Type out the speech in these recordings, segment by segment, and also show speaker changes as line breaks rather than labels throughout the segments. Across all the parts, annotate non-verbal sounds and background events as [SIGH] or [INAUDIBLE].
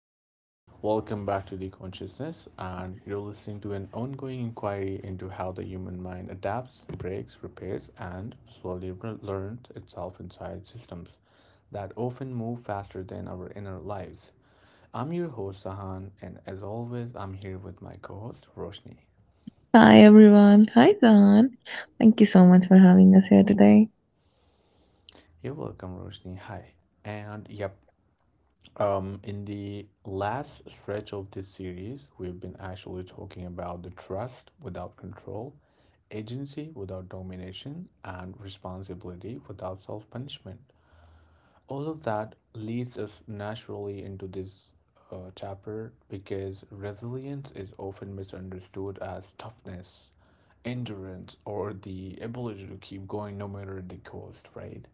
everyone. Welcome back to The Consciousness, and you're listening to an ongoing inquiry into how the human mind adapts, breaks, repairs, and slowly learns itself inside systems that often move faster than our inner lives. I'm your host, Sahan, and as always, I'm here with my co host, Roshni.
Hi everyone. Hi Zan. Thank you so much for having us here today.
You're welcome, Roshni. Hi. And yep, in the last stretch of this series, we've been actually talking about the trust without control, agency without domination, and responsibility without self punishment. All of that leads us naturally into this chapter because resilience is often misunderstood as toughness, endurance, or the ability to keep going no matter the cost, right?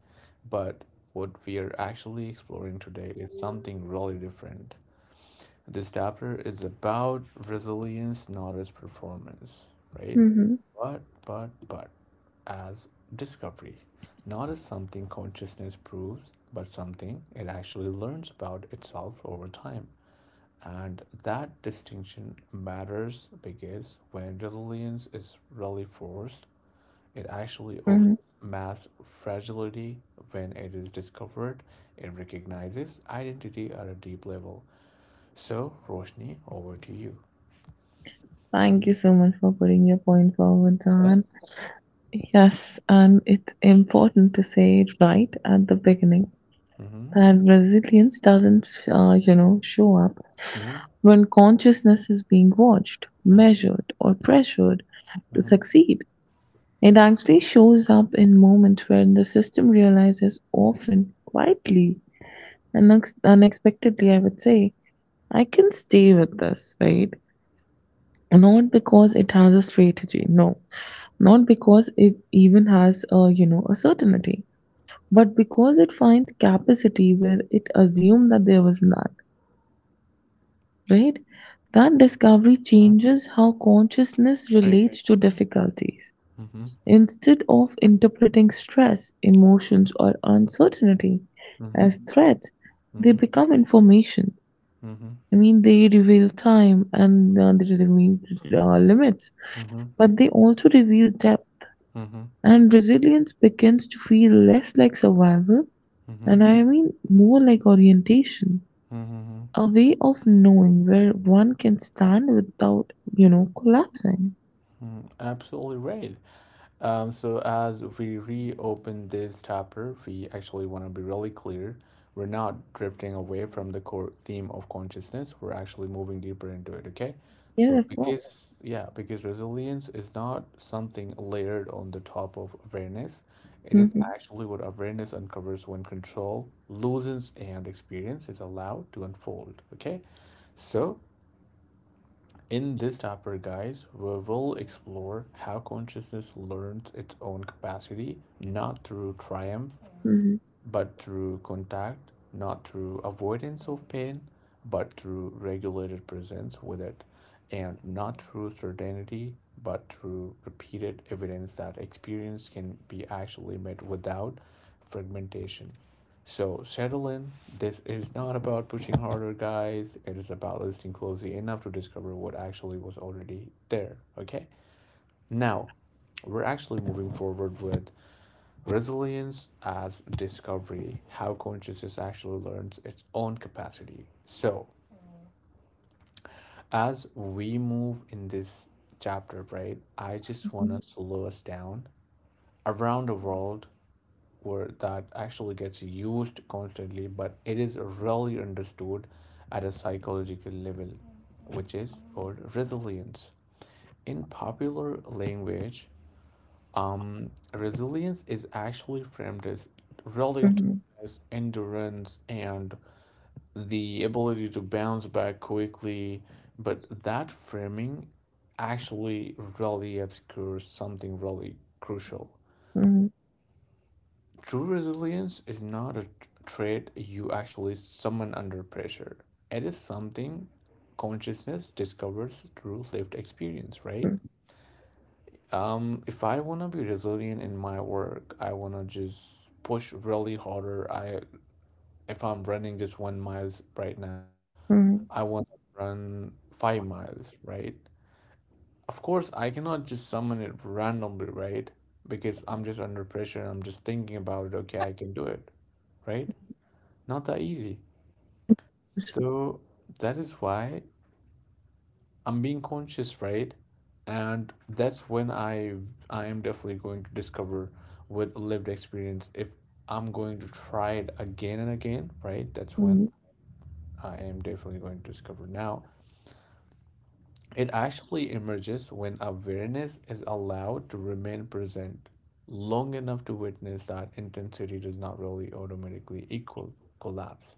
But what we are actually exploring today is something really different. This chapter is about resilience, not as performance, right?
Mm-hmm.
But as discovery, not as something consciousness proves, but something it actually learns about itself over time. And that distinction matters because when resilience is really forced, it actually offers
Mm-hmm.
mass fragility. When it is discovered, it recognizes identity at a deep level. So, Roshni, over to you.
Thank you so much for putting your point forward, Zahan.
Yes.
Yes, and it's important to say right at the beginning
Mm-hmm.
that resilience doesn't, show up
Mm-hmm.
when consciousness is being watched, measured, or pressured to
Mm-hmm.
succeed. It actually shows up in moments where the system realizes, often quietly and unexpectedly, I would say, I can stay with this, right? Not because it has a strategy, no, not because it even has a a certainty, but because it finds capacity where it assumed that there was none, right? That discovery
Hmm.
changes how consciousness
Great.
relates to difficulties.
Mm-hmm.
Instead of interpreting stress, emotions, or uncertainty
Mm-hmm.
as threats, they
Mm-hmm.
become information.
Mm-hmm.
I mean, they reveal time and they reveal limits,
Mm-hmm.
but they also reveal depth.
Mm-hmm.
And resilience begins to feel less like survival,
Mm-hmm.
and I mean more like orientation,
Mm-hmm.
a way of knowing where one can stand without, collapsing.
Mm-hmm. Absolutely right. So as we reopen this chapter, we actually want to be really clear. We're not drifting away from the core theme of consciousness. We're actually moving deeper into it, okay?
Yeah,
So
of course.
because yeah, because resilience is not something layered on the top of awareness. It is
Mhm,
actually what awareness uncovers when control loosens and experience is allowed to unfold, okay? So in this chapter, guys, we will explore how consciousness learns its own capacity not through triumph
mhm,
but through contact, not through avoidance of pain, but through regulated presence with it, and not through certainty, but through repeated evidence that experience can be actually made without fragmentation. So settle in. This is not about pushing harder, guys. It is about listening closely enough to discover what actually was already there. Okay? Now, we're actually moving forward with resilience as discovery, how consciousness actually learns its own capacity. So, as we move in this chapter, right, I just want
mhm,
us to slow us down around the world where that actually gets used constantly, but it is rarely understood at a psychological level, which is called resilience. In popular language, resilience is actually framed as
mhm,
relativeness, endurance, and the ability to bounce back quickly. But that framing actually really obscures something really crucial.
mhm,
True resilience is not a trait you actually summon under pressure. It is something consciousness discovers through lived experience, right? If I wanna be resilient in my work, I wanna just push really harder. I If I'm running just 1 mile right now,
mhm,
I wanna run 5 miles, right? Of course, I cannot just summon it randomly, right? Because I'm just under pressure and I'm just thinking about it, okay, I can do it, right? Not that easy. So that is why I'm being conscious, right? And that's when I am definitely going to discover with lived experience if I'm going to try it again and again, right? That's when
mhm,
I am definitely going to discover. Now, it actually emerges when awareness is allowed to remain present long enough to witness that intensity does not really automatically equal collapse.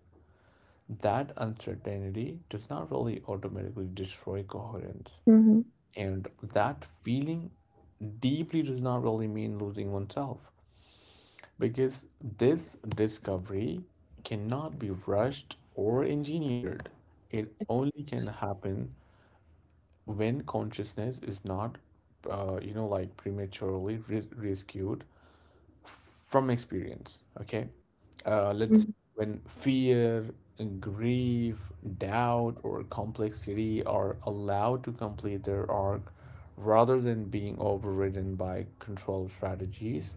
That uncertainty does not really automatically destroy coherence.
mhm,
And that feeling deeply does not really mean losing oneself because this discovery cannot be rushed or engineered. It only can happen when consciousness is not, you know, like prematurely rescued from experience. Okay, let's
mhm,
when fear, grief, doubt or complexity are allowed to complete their arc rather than being overridden by control strategies,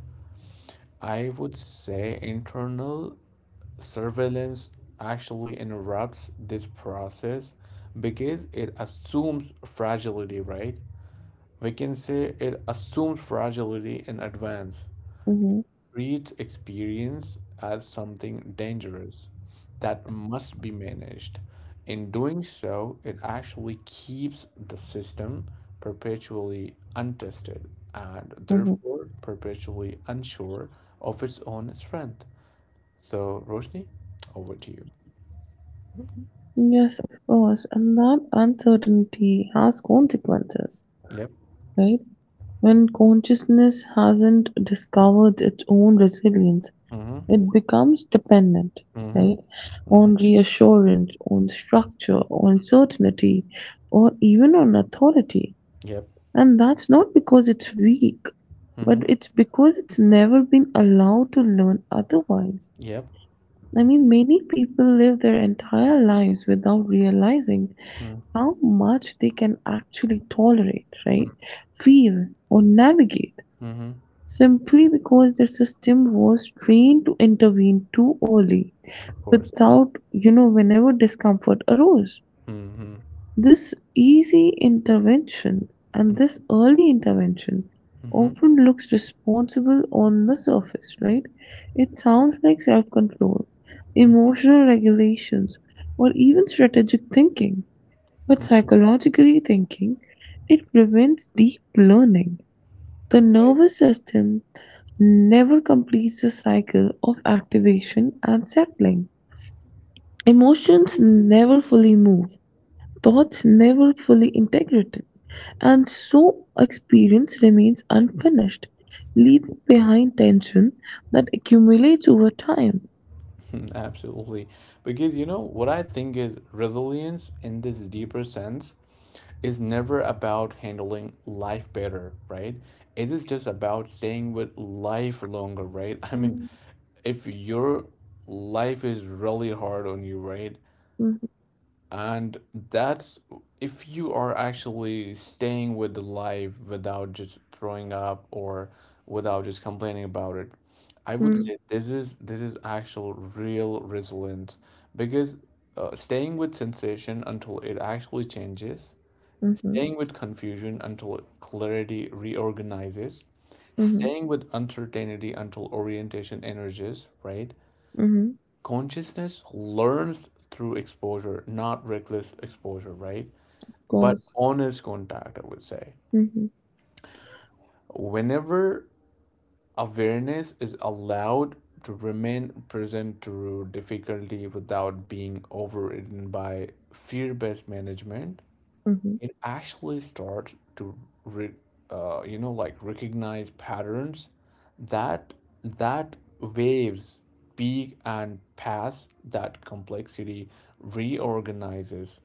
I would say internal surveillance actually interrupts this process because it assumes fragility, right? We can say it assumes fragility in advance,
mhm, mhm.
treats experience as something dangerous that must be managed. In doing so, it actually keeps the system perpetually untested and
Mhm.
therefore perpetually unsure of its own strength. So, Roshni, over to you.
Yes, of course. And that uncertainty has consequences,
Yep.
right? When consciousness hasn't discovered its own resilience,
Mm-hmm.
it becomes dependent,
Mm-hmm.
right?
Mm-hmm.
On reassurance, on structure, on certainty, or even on authority.
Yep.
And that's not because it's weak, but
Mm-hmm.
it's because it's never been allowed to learn otherwise.
Yep.
I mean, many people live their entire lives without realizing
Mm-hmm.
how much they can actually tolerate, right? Feel or navigate,
Mm-hmm.
simply because their system was trained to intervene too early
Of course.
without, whenever discomfort arose.
Mm-hmm.
This easy intervention and this
Mm-hmm.
early intervention
Mm-hmm.
often looks responsible on the surface, right? It sounds like self control, emotional regulations, or even strategic thinking. But
Mm-hmm.
psychologically thinking, it prevents deep learning. The nervous system never completes the cycle of activation and settling. Emotions never fully move, thoughts never fully integrated, and so experience remains unfinished, leaving behind tension that accumulates over time.
[LAUGHS] Absolutely. Because you know what I think is resilience in this deeper sense is never about handling life better, right? It is just about staying with life longer, right? [LAUGHS] I mean, if your life is really hard on you, right?
Mhm,
And that's if you are actually staying with the life without just throwing up or without just complaining about it. I would
mhm.
say this is actual real resilience because staying with sensation until it actually changes,
Mhm,
staying with confusion until clarity reorganizes,
mhm,
staying with uncertainty until orientation energies, right?
mhm.
Consciousness learns through exposure, not reckless exposure, right?
Of
But
course.
honest contact, I would say.
Mhm,
Whenever awareness is allowed to remain present through difficulty without being overridden by fear based management,
mhm.
it actually starts to re, you know, like recognize patterns that that waves peak and pass, that complexity reorganizes,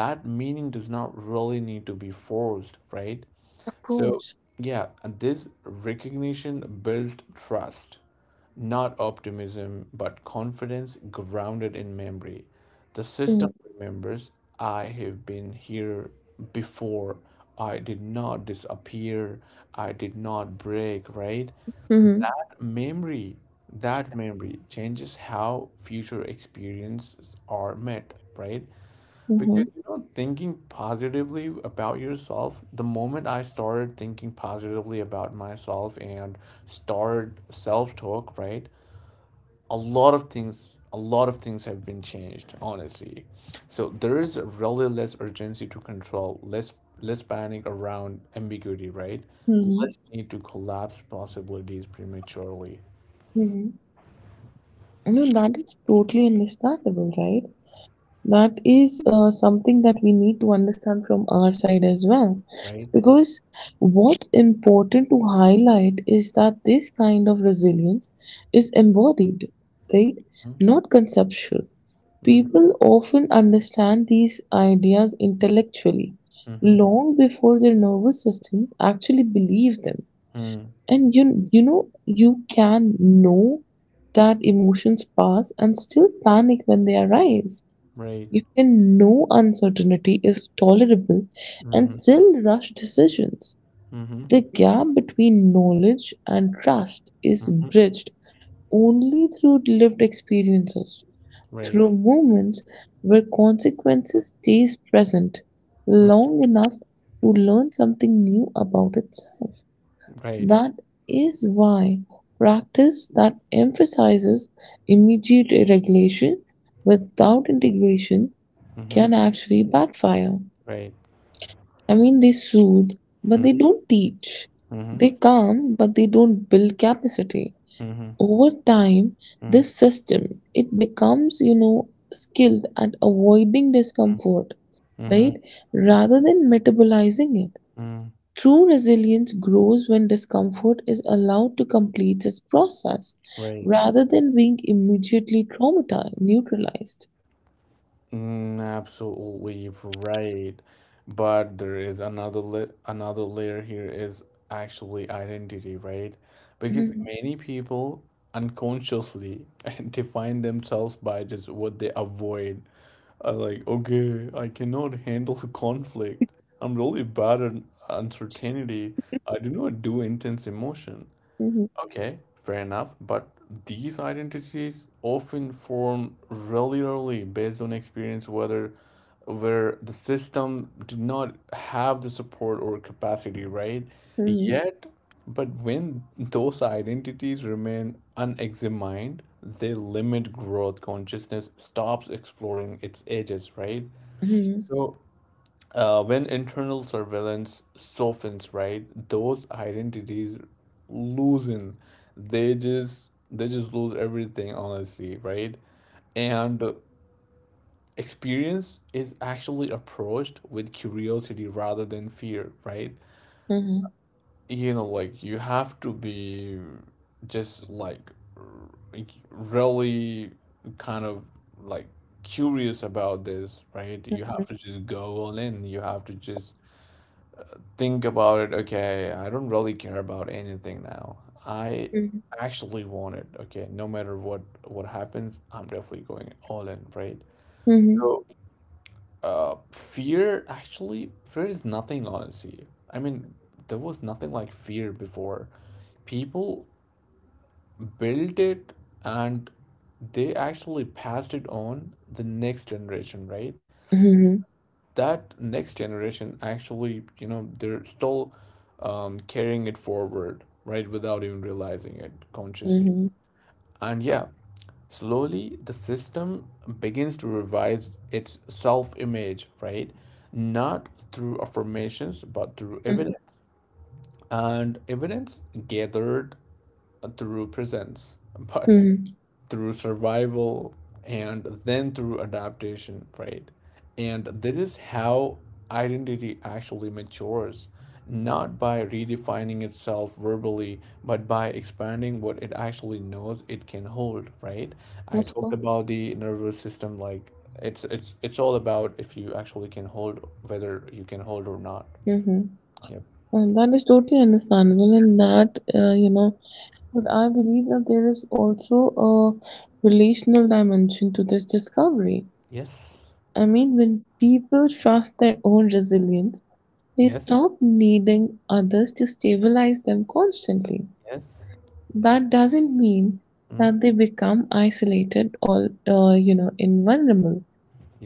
that meaning does not really need to be forced, right?
Of
So
course.
yeah, and this recognition builds trust, not optimism, but confidence grounded in memory. The system
Mm,
remembers I have been here before. I did not disappear. I did not break, right?
mhm,
Memory, that memory changes how future experiences are met, right? Because
mhm.
you know, thinking positively about yourself, the moment I started thinking positively about myself and started self talk, right? A lot of things have been changed honestly, so there is really less urgency to control, less less panic around ambiguity, right?
Mhm,
Less need to collapse possibilities prematurely,
mhm. No, that is totally understandable, right? That is something that we need to understand from our side as well.
right?
Because what's important to highlight is that this kind of resilience is embodied, right?
Mm-hmm.
Not conceptual.
Mm-hmm.
People often understand these ideas intellectually,
Mm-hmm.
long before their nervous system actually believe them.
Mm-hmm.
And you can know that emotions pass and still panic when they arise.
Right.
You can know uncertainty is tolerable and
Mm-hmm.
still rush decisions.
Mm-hmm.
The gap between knowledge and trust is
Mm-hmm.
bridged only through lived experiences,
Right.
through movements where consequences stays present
Mm.
long enough to learn something new about itself.
Right.
That is why practice that emphasizes immediate regulation without integration
Mm-hmm.
can actually backfire.
Right.
I mean, they soothe, but they
Mm-hmm.
don't teach.
Mm-hmm.
They calm, but they don't build capacity
Mm-hmm.
over time.
Mm-hmm.
This system, it becomes skilled at avoiding discomfort,
Mm-hmm.
right? Rather than metabolizing it.
Mm-hmm.
True resilience grows when discomfort is allowed to complete its process
Right.
rather than being immediately traumatized, neutralized.
Mm, absolutely right. But there is another la another layer here is actually identity, right? Because
Mhm,
many people unconsciously [LAUGHS] define themselves by just what they avoid. Like, okay, I cannot handle the conflict. I'm really bad at uncertainty. I do not do intense emotion.
mhm,
Okay, fair enough. But these identities often form regularly based on experience, whether where the system did not have the support or capacity, right?
mhm,
Yet, but when those identities remain unexamined, they limit growth. Consciousness stops exploring its edges, right?
mhm.
So when internal surveillance softens, right, those identities loosen. They just lose everything, honestly, right? And experience is actually approached with curiosity rather than fear, right?
Mhm.
You know, like you have to be just like r- really kind of like curious about this, right? You have to just go all in. You have to just think about it, okay, I don't really care about anything now. I
Mhm.
actually want it, okay, no matter what happens, I'm definitely going all in, right?
Mhm.
So, fear is nothing, honestly. I mean, there was nothing like fear before. People built it and they actually passed it on the next generation, right?
Mhm.
That next generation actually, you know, they're still carrying it forward, right, without even realizing it consciously.
Mhm.
And yeah, slowly the system begins to revise its self image, right? Not through affirmations, but through
Mhm.
evidence. And evidence gathered through presence. [LAUGHS] But
Mhm.
through survival and then through adaptation, right? And this is how identity actually matures, not by redefining itself verbally, but by expanding what it actually knows it can hold, right? I
Of
talked
course.
about the nervous system like it's all about if you actually can hold, whether you can hold or not.
Mm-hmm.
Yep.
And that is totally understandable, and but I believe that there is also a relational dimension to this discovery.
Yes.
I mean, when people trust their own resilience, they
Yes.
stop needing others to stabilize them constantly.
Yes.
That doesn't mean
Mm.
that they become isolated or invulnerable.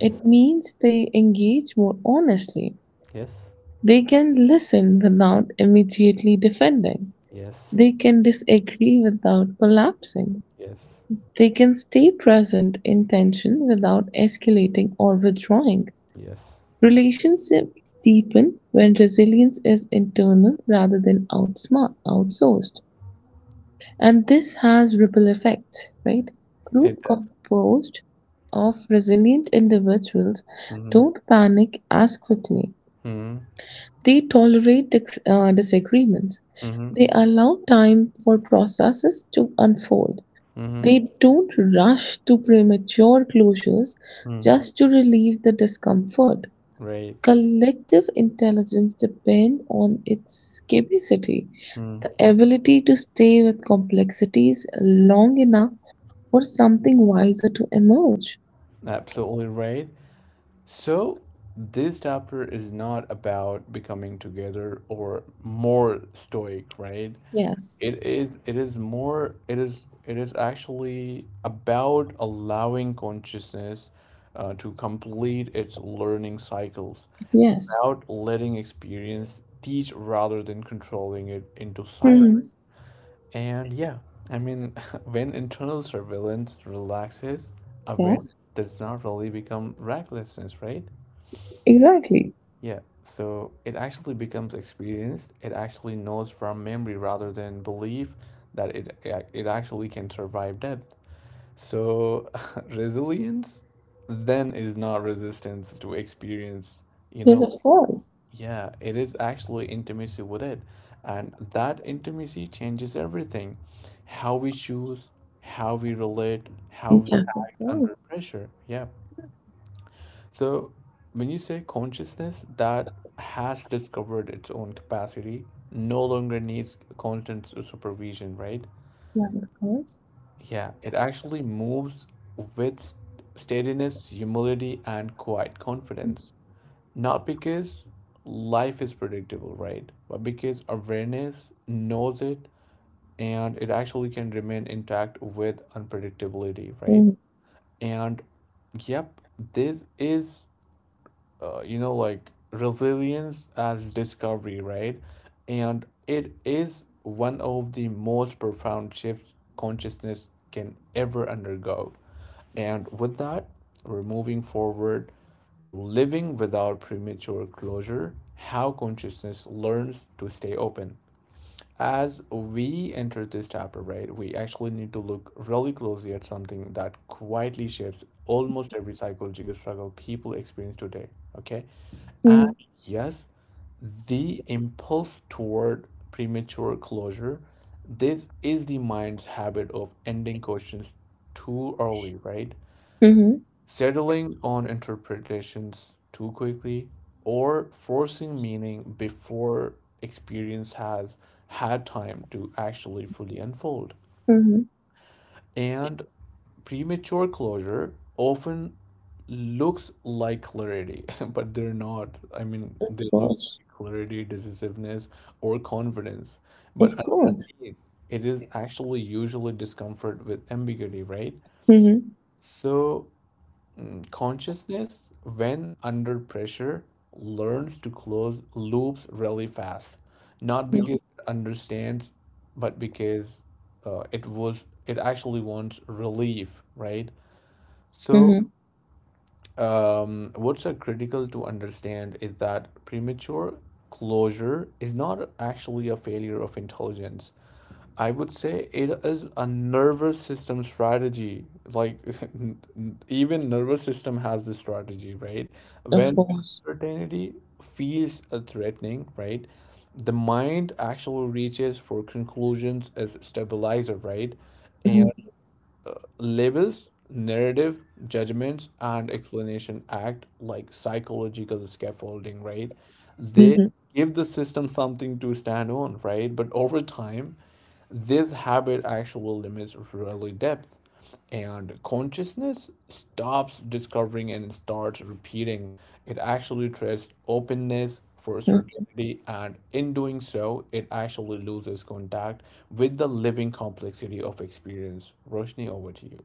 It means they engage more honestly.
Yes.
They can listen without immediately defending.
Yes.
They can disagree without collapsing.
Yes.
They can stay present in tension without escalating or withdrawing.
Yes.
Relationships deepen when resilience is internal rather than outsmart outsourced. And this has ripple effects, right? Group
It does.
composed of resilient individuals
Hmm.
don't panic as quickly.
Hmm.
They tolerate disagreements.
Hmm.
They allow time for processes to unfold.
Hmm.
They don't rush to premature closures
Hmm.
just to relieve the discomfort.
Right.
Collective intelligence depends on its capacity,
Mm.
the ability to stay with complexities long enough for something wiser to emerge.
Absolutely right. So this chapter is not about becoming together or more stoic, right?
Yes,
It is more it is actually about allowing consciousness to complete its learning cycles,
yes,
about letting experience teach rather than controlling it into silence.
hmm,
And yeah, I mean, [LAUGHS] when internal surveillance relaxes, awareness
yes,
does not really become recklessness, right?
exactly.
Yeah, so it actually becomes experienced. It actually knows from memory rather than belief that it yeah, it actually can survive death. So [LAUGHS] resilience then is not resistance to experience. You
Yes,
know,
of course.
yeah, it is actually intimacy with it. And that intimacy changes everything. How we choose, how we relate, how we
Yes, of
act
course.
under pressure. Yeah. So when you say consciousness, that has discovered its own capacity, no longer needs constant supervision, right?
Yes, of course.
Yeah, it actually moves with steadiness, humility, and quiet confidence. Not because life is predictable, right? But because awareness knows it and it actually can remain intact with unpredictability, right?
Mm-hmm.
And yep, this is you know, like resilience as discovery, right? And it is one of the most profound shifts consciousness can ever undergo. And with that, we're moving forward to living without premature closure, how consciousness learns to stay open. As we enter this chapter, right, we actually need to look really closely at something that quietly shapes almost every psychological struggle people experience today, okay? And
Mm-hmm.
yes, the impulse toward premature closure, this is the mind's habit of ending questions too early, right? Settling on interpretations too quickly or forcing meaning before experience has had time to actually fully unfold.
Mm-hmm.
And premature closure often looks like clarity, [LAUGHS] but they're not. I mean,
Of
they look
course.
like clarity, decisiveness, or confidence. But
Of course.
underneath, it is actually usually discomfort with ambiguity, right?
Mm-hmm.
So, consciousness, when under pressure, learns to close loops really fast, not because it understands, but because it actually wants relief, right? So,
Mm-hmm.
what's a critical to understand is that premature closure is not actually a failure of intelligence. I would say it is a nervous system strategy. Like [LAUGHS] even nervous system has this strategy, right?
Of
When
course.
uncertainty feels threatening, right? The mind actually reaches for conclusions as stabilizer, right? And
Mm-hmm.
labels, narrative, judgments, and explanation act like psychological scaffolding, right? They
Mm-hmm.
give the system something to stand on, right? But over time, this habit actually limits really depth. And consciousness stops discovering and starts repeating. It actually trades openness for certainty, and in doing so, it actually loses contact with the living complexity of experience. Roshni, over to you.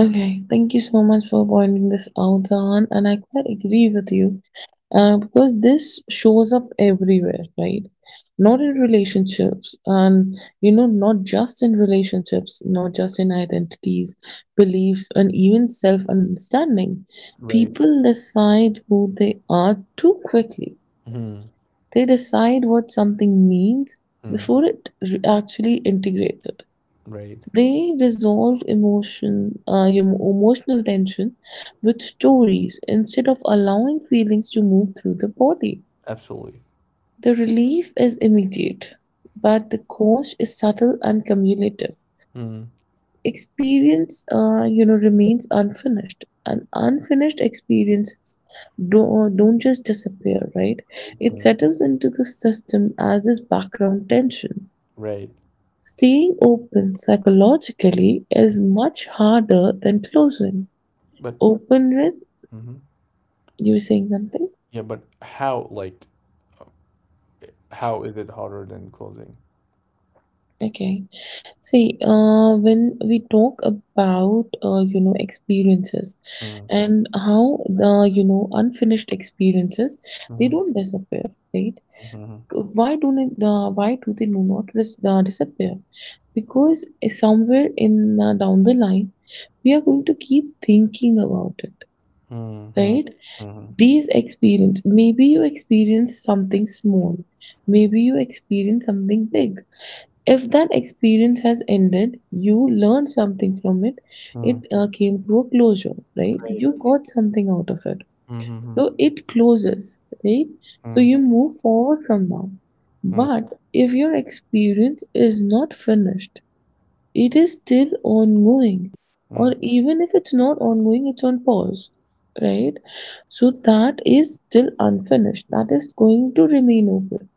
Okay, thank you so much for pointing this out, Zahan, and I quite agree with you because this shows up everywhere, right? Not in relationships, and not just in relationships, not just in identities, beliefs, and even self understanding.
Right.
People decide who they are too quickly,
Mm.
they decide what something means
Mm.
before it actually integrated.
Right.
They resolve emotional tension with stories instead of allowing feelings to move through the body.
Absolutely.
The relief is immediate, but the cost is subtle and cumulative.
Mm.
Experience remains unfinished, and unfinished experiences don't just disappear, right?
Right.
It
Mm.
settles into the system as this background tension.
Right.
Staying open psychologically is much harder than closing.
But.
Open with,
Hmm.
you were saying something?
Yeah, but how how is it harder than closing?
Okay. See, when we talk about experiences,
Mm.
and how the unfinished experiences, they
Mhm.
don't disappear, right?
Mhm.
Why don't it, why do they do not disappear? Because somewhere in down the line, we are going to keep thinking about it,
Mhm. Mhm.
right?
Mhm.
These experience, maybe you experience something small, maybe you experience something big. If that experience has ended, you learned something from it,
Mhm.
it came to a closure, right?
Right.
You got something out of it.
Mhm. Mhm.
So it closes, right?
Mhm.
So
Mhm.
you move forward from now.
Mhm.
But if your experience is not finished, it is still ongoing, or even if it's not ongoing, it's on pause, right? So that is still unfinished. That is going to remain open,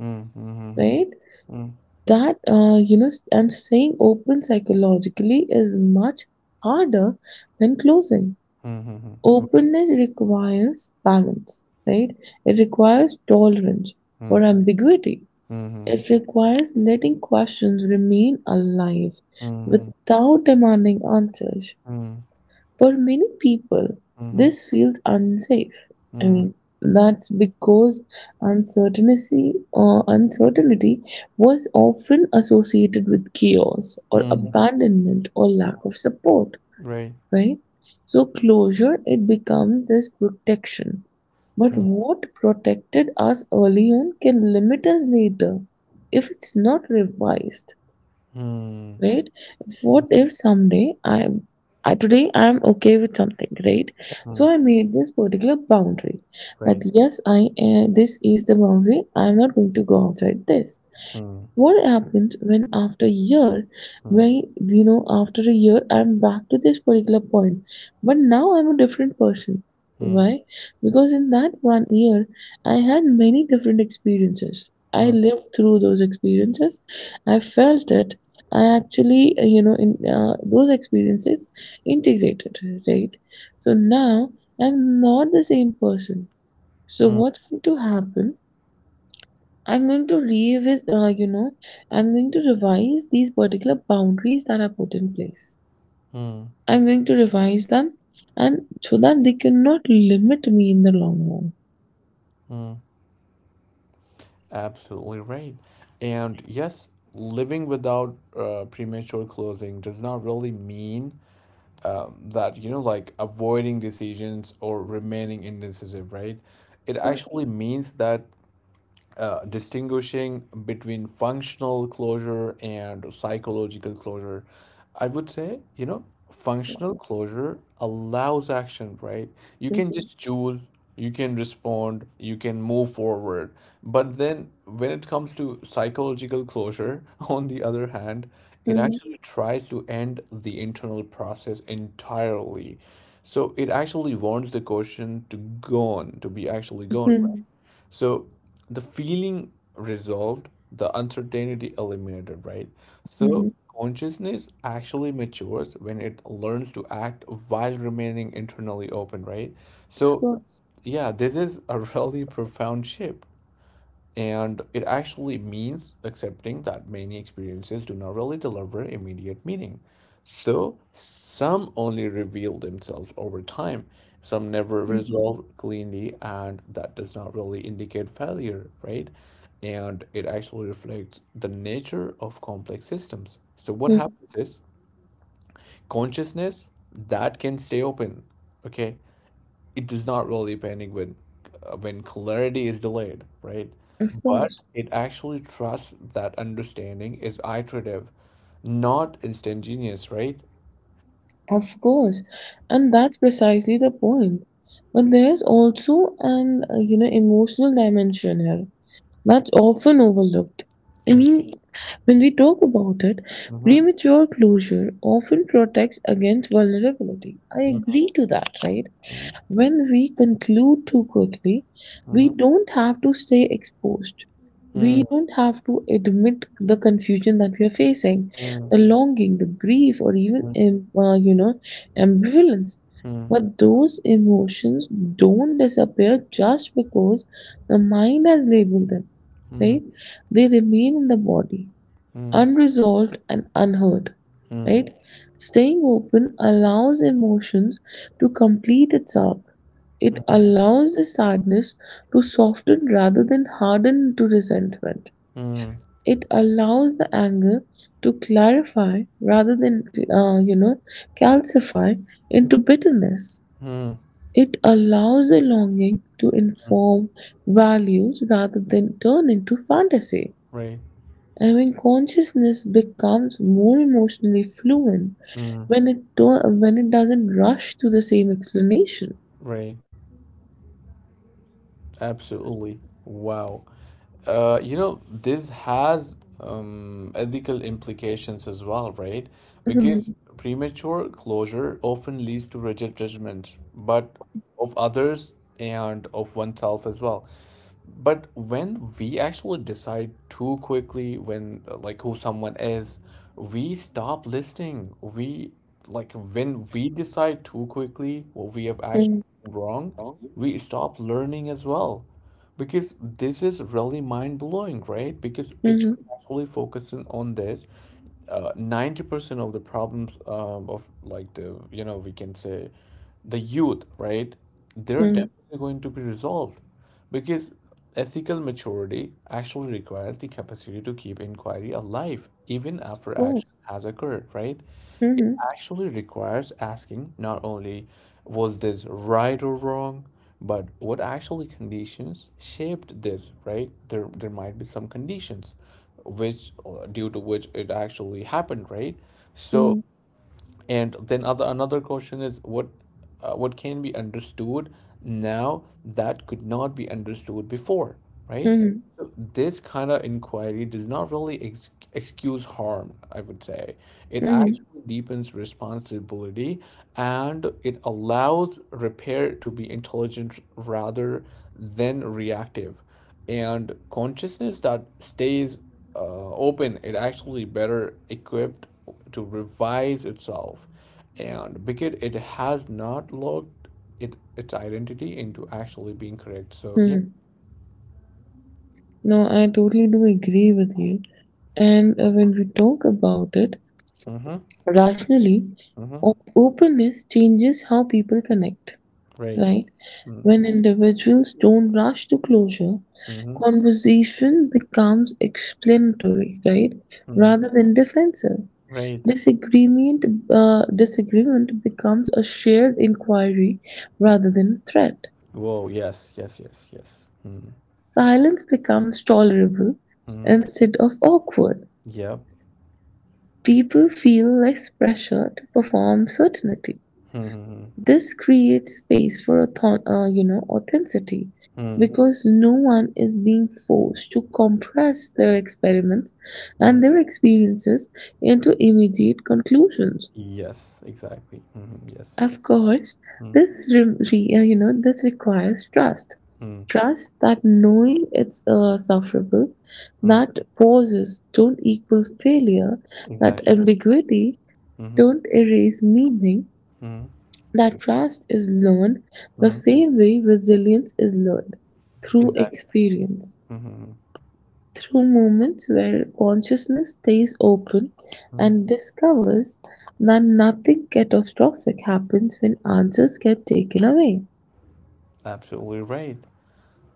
Mhm. Mhm.
right?
Mm.
And saying open psychologically is much harder than closing.
Mhm. Okay.
Openness requires balance, right? It requires tolerance for ambiguity.
Mhm. Mhm.
It
Mhm.
requires letting questions remain alive
Mhm.
without demanding answers.
Mhm.
For many people, this feels unsafe. I
Mhm.
mean, that's because uncertainty or uncertainty was often associated with chaos or
Mhm.
abandonment or lack of support,
Right.
right? So closure, it becomes this protection. But
Mm.
what protected us early on can limit us later if it's not revised,
Mhm.
right? What if someday today I'm okay with something, right?
Mhm.
So I made this particular boundary that
Right.
yes, I this is the boundary. I'm not going to go outside this.
Mm.
What happens when after a year, when after a year, I'm back to this particular point, but now I'm a different person.
Mm.
Why? Because in that one year, I had many different experiences. I
Hmm.
lived through those experiences. I felt it. I actually, you know, in those experiences integrated, right? So now I'm not the same person. So
Hmm.
what's going to happen? I'm going to revisit, I'm going to revise these particular boundaries that are put in place.
Hmm.
I'm going to revise them, and so that they cannot limit me in the long
Hmm. Absolutely right. And yes, living without premature closing does not really mean that, like avoiding decisions or remaining indecisive, right? It
run. Of
actually means that distinguishing between functional closure and psychological closure. I would say,
course.
functional closure allows action, right? You can just choose, you can respond, you can move forward. But then when it comes to psychological closure, [LAUGHS] on the other hand, it
Mhm,
actually tries to end the internal process entirely. So it actually wants the question to go on, to be actually gone, right?
mhm,
So the feeling resolved, the uncertainty eliminated, right? So
mhm.
consciousness actually matures when it learns to act while remaining internally open, right?
Of
So
course.
yeah, this is a [LAUGHS] really profound shift. And it actually means accepting that many experiences do not really deliver immediate meaning. So some only reveal themselves over time, some never resolve cleanly, and that does not really indicate failure, right? And it actually reflects the nature of complex systems. So what
Mhm.
happens is consciousness that can stay open, okay? It does not really panic when when clarity is delayed, right?
Of
But
course.
it actually trusts that understanding is iterative, not instantaneous, right?
Of course. And that's precisely the point. But there's also an, emotional dimension here that's often overlooked. I
Mhm.
mean, when we talk about it,
Mhm.
premature closure often protects against vulnerability. I
Mhm.
agree to that, right? When we conclude too quickly,
Mhm.
we
Mhm.
don't have to stay exposed.
Mhm.
We
Mhm.
don't have to admit the confusion that we are facing,
Mhm.
the longing, the grief, or even,
Mhm.
ambivalence.
Mhm.
But those emotions don't disappear just because the mind has labeled them, right? They remain in the body, unresolved and unheard, right? Staying open allows emotions to complete its arc. It allows the sadness to soften rather than harden into resentment.
Mhm. Mhm.
It allows the anger to clarify rather than, uh, you know, calcify into bitterness.
Mhm.
It allows the longing to
Mhm.
inform values rather than turn into fantasy.
Right.
And when consciousness becomes more emotionally fluent,
Mhm.
when it doesn't rush to the same explanation.
Right. Absolutely. Wow. This has ethical implications as well, right?
Mhm,
Because premature closure often leads to rigid judgment, but of others and of oneself as well. But when we actually decide too quickly when like who someone is, we stop listening. We like when we decide too quickly what we have actually
mhm,
wrong,
oh,
we stop learning as well. Because this is really mind blowing, right? Because if
mhm,
you're actually focusing on this, 90% of the problems, of like the, we can say the youth, right? They're
mhm.
definitely going to be resolved because ethical maturity actually requires the capacity to keep inquiry alive even
Of
after action
course.
has occurred, right? It
Mhm,
actually requires asking not only was this right or wrong, but what actually conditions shaped this, right? There might be some conditions which due to which it actually happened, right? So
mhm,
and then other another question is what can be understood now that could not be understood before, right?
mhm,
So this kind of inquiry does not really excuse harm, I would say. It
mhm,
actually deepens responsibility, and it allows repair to be intelligent rather than reactive. And consciousness that stays open, it actually better equipped to revise itself, and because it has not logged it its identity into actually being correct. So yeah.
mhm. No, I totally do agree with you. And when we talk about it
Mm-hmm.
rationally,
Mm-hmm.
openness changes how people connect,
Right.
right?
Mm.
When individuals don't rush to closure,
Mm-hmm.
conversation becomes explanatory, right?
Mm.
Rather than defensive.
Right.
Disagreement, Disagreement becomes a shared inquiry rather than a threat.
Whoa, yes, yes, yes, yes. Mm.
Silence becomes tolerable
Mm.
instead of awkward.
Yep.
People feel less pressure to perform certainty.
Mm.
This creates space for authenticity,
Mm.
because no one is being forced to compress their experiments
Mm.
and their experiences into immediate conclusions.
Yes, exactly. Mm. Yes.
Of course,
Mm.
this this requires trust.
Mm.
Trust that knowing it's sufferable,
Mm.
that pauses don't equal failure, that
Exactly.
ambiguity
Mm-hmm.
don't erase meaning.
Mm.
That trust is learned the
Mm.
same way resilience is learned, through
Exactly.
experience,
Mm-hmm.
through moments where consciousness stays open
Mm.
and discovers that nothing catastrophic happens when answers get taken away.
Absolutely right.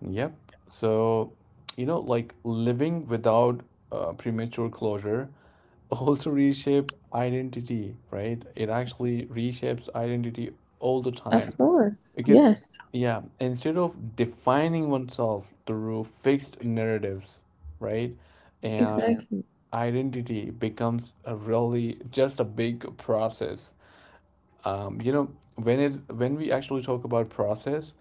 Yep. So, like living without premature closure [LAUGHS] also reshape identity, right? It actually reshapes identity all the time
Of course,
because,
yes,
yeah, instead of defining oneself through fixed narratives, right? And
exactly.
identity becomes a really just a big process, um, you know when it when we actually talk about process,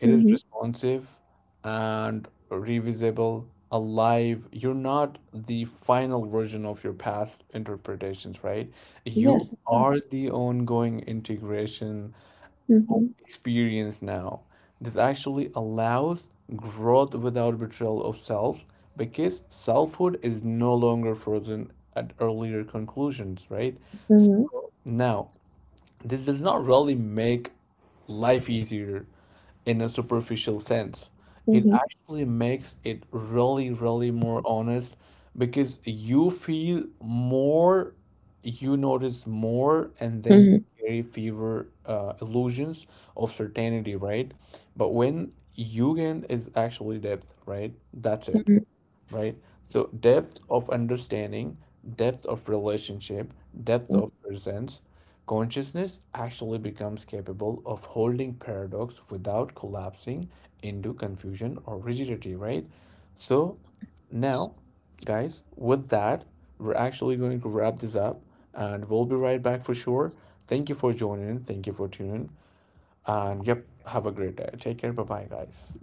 it is
Hmm.
responsive and revisable, alive. You're not the final version of your past interpretations, right? You
Yes, of
are
course.
the ongoing integration of
Hmm.
experience now. This actually allows growth without betrayal of self, because selfhood is no longer frozen at earlier conclusions, right?
Hmm.
Now this does not really make life easier in a superficial sense. It
Hmm.
actually makes it really, really more honest, because you feel more, you notice more, and then you
Hmm.
carry fewer illusions of certainty, right? But when you gain is actually depth, right? That's it,
Hmm.
right? So depth of understanding, depth of relationship, depth of presence, consciousness actually becomes capable of holding paradox without collapsing into confusion or rigidity, right? So now, guys, with that, we're actually going to wrap this up and we'll be right back for sure. Thank you for joining. Thank you for tuning. And yep, have a great day. Take care. Bye bye, guys.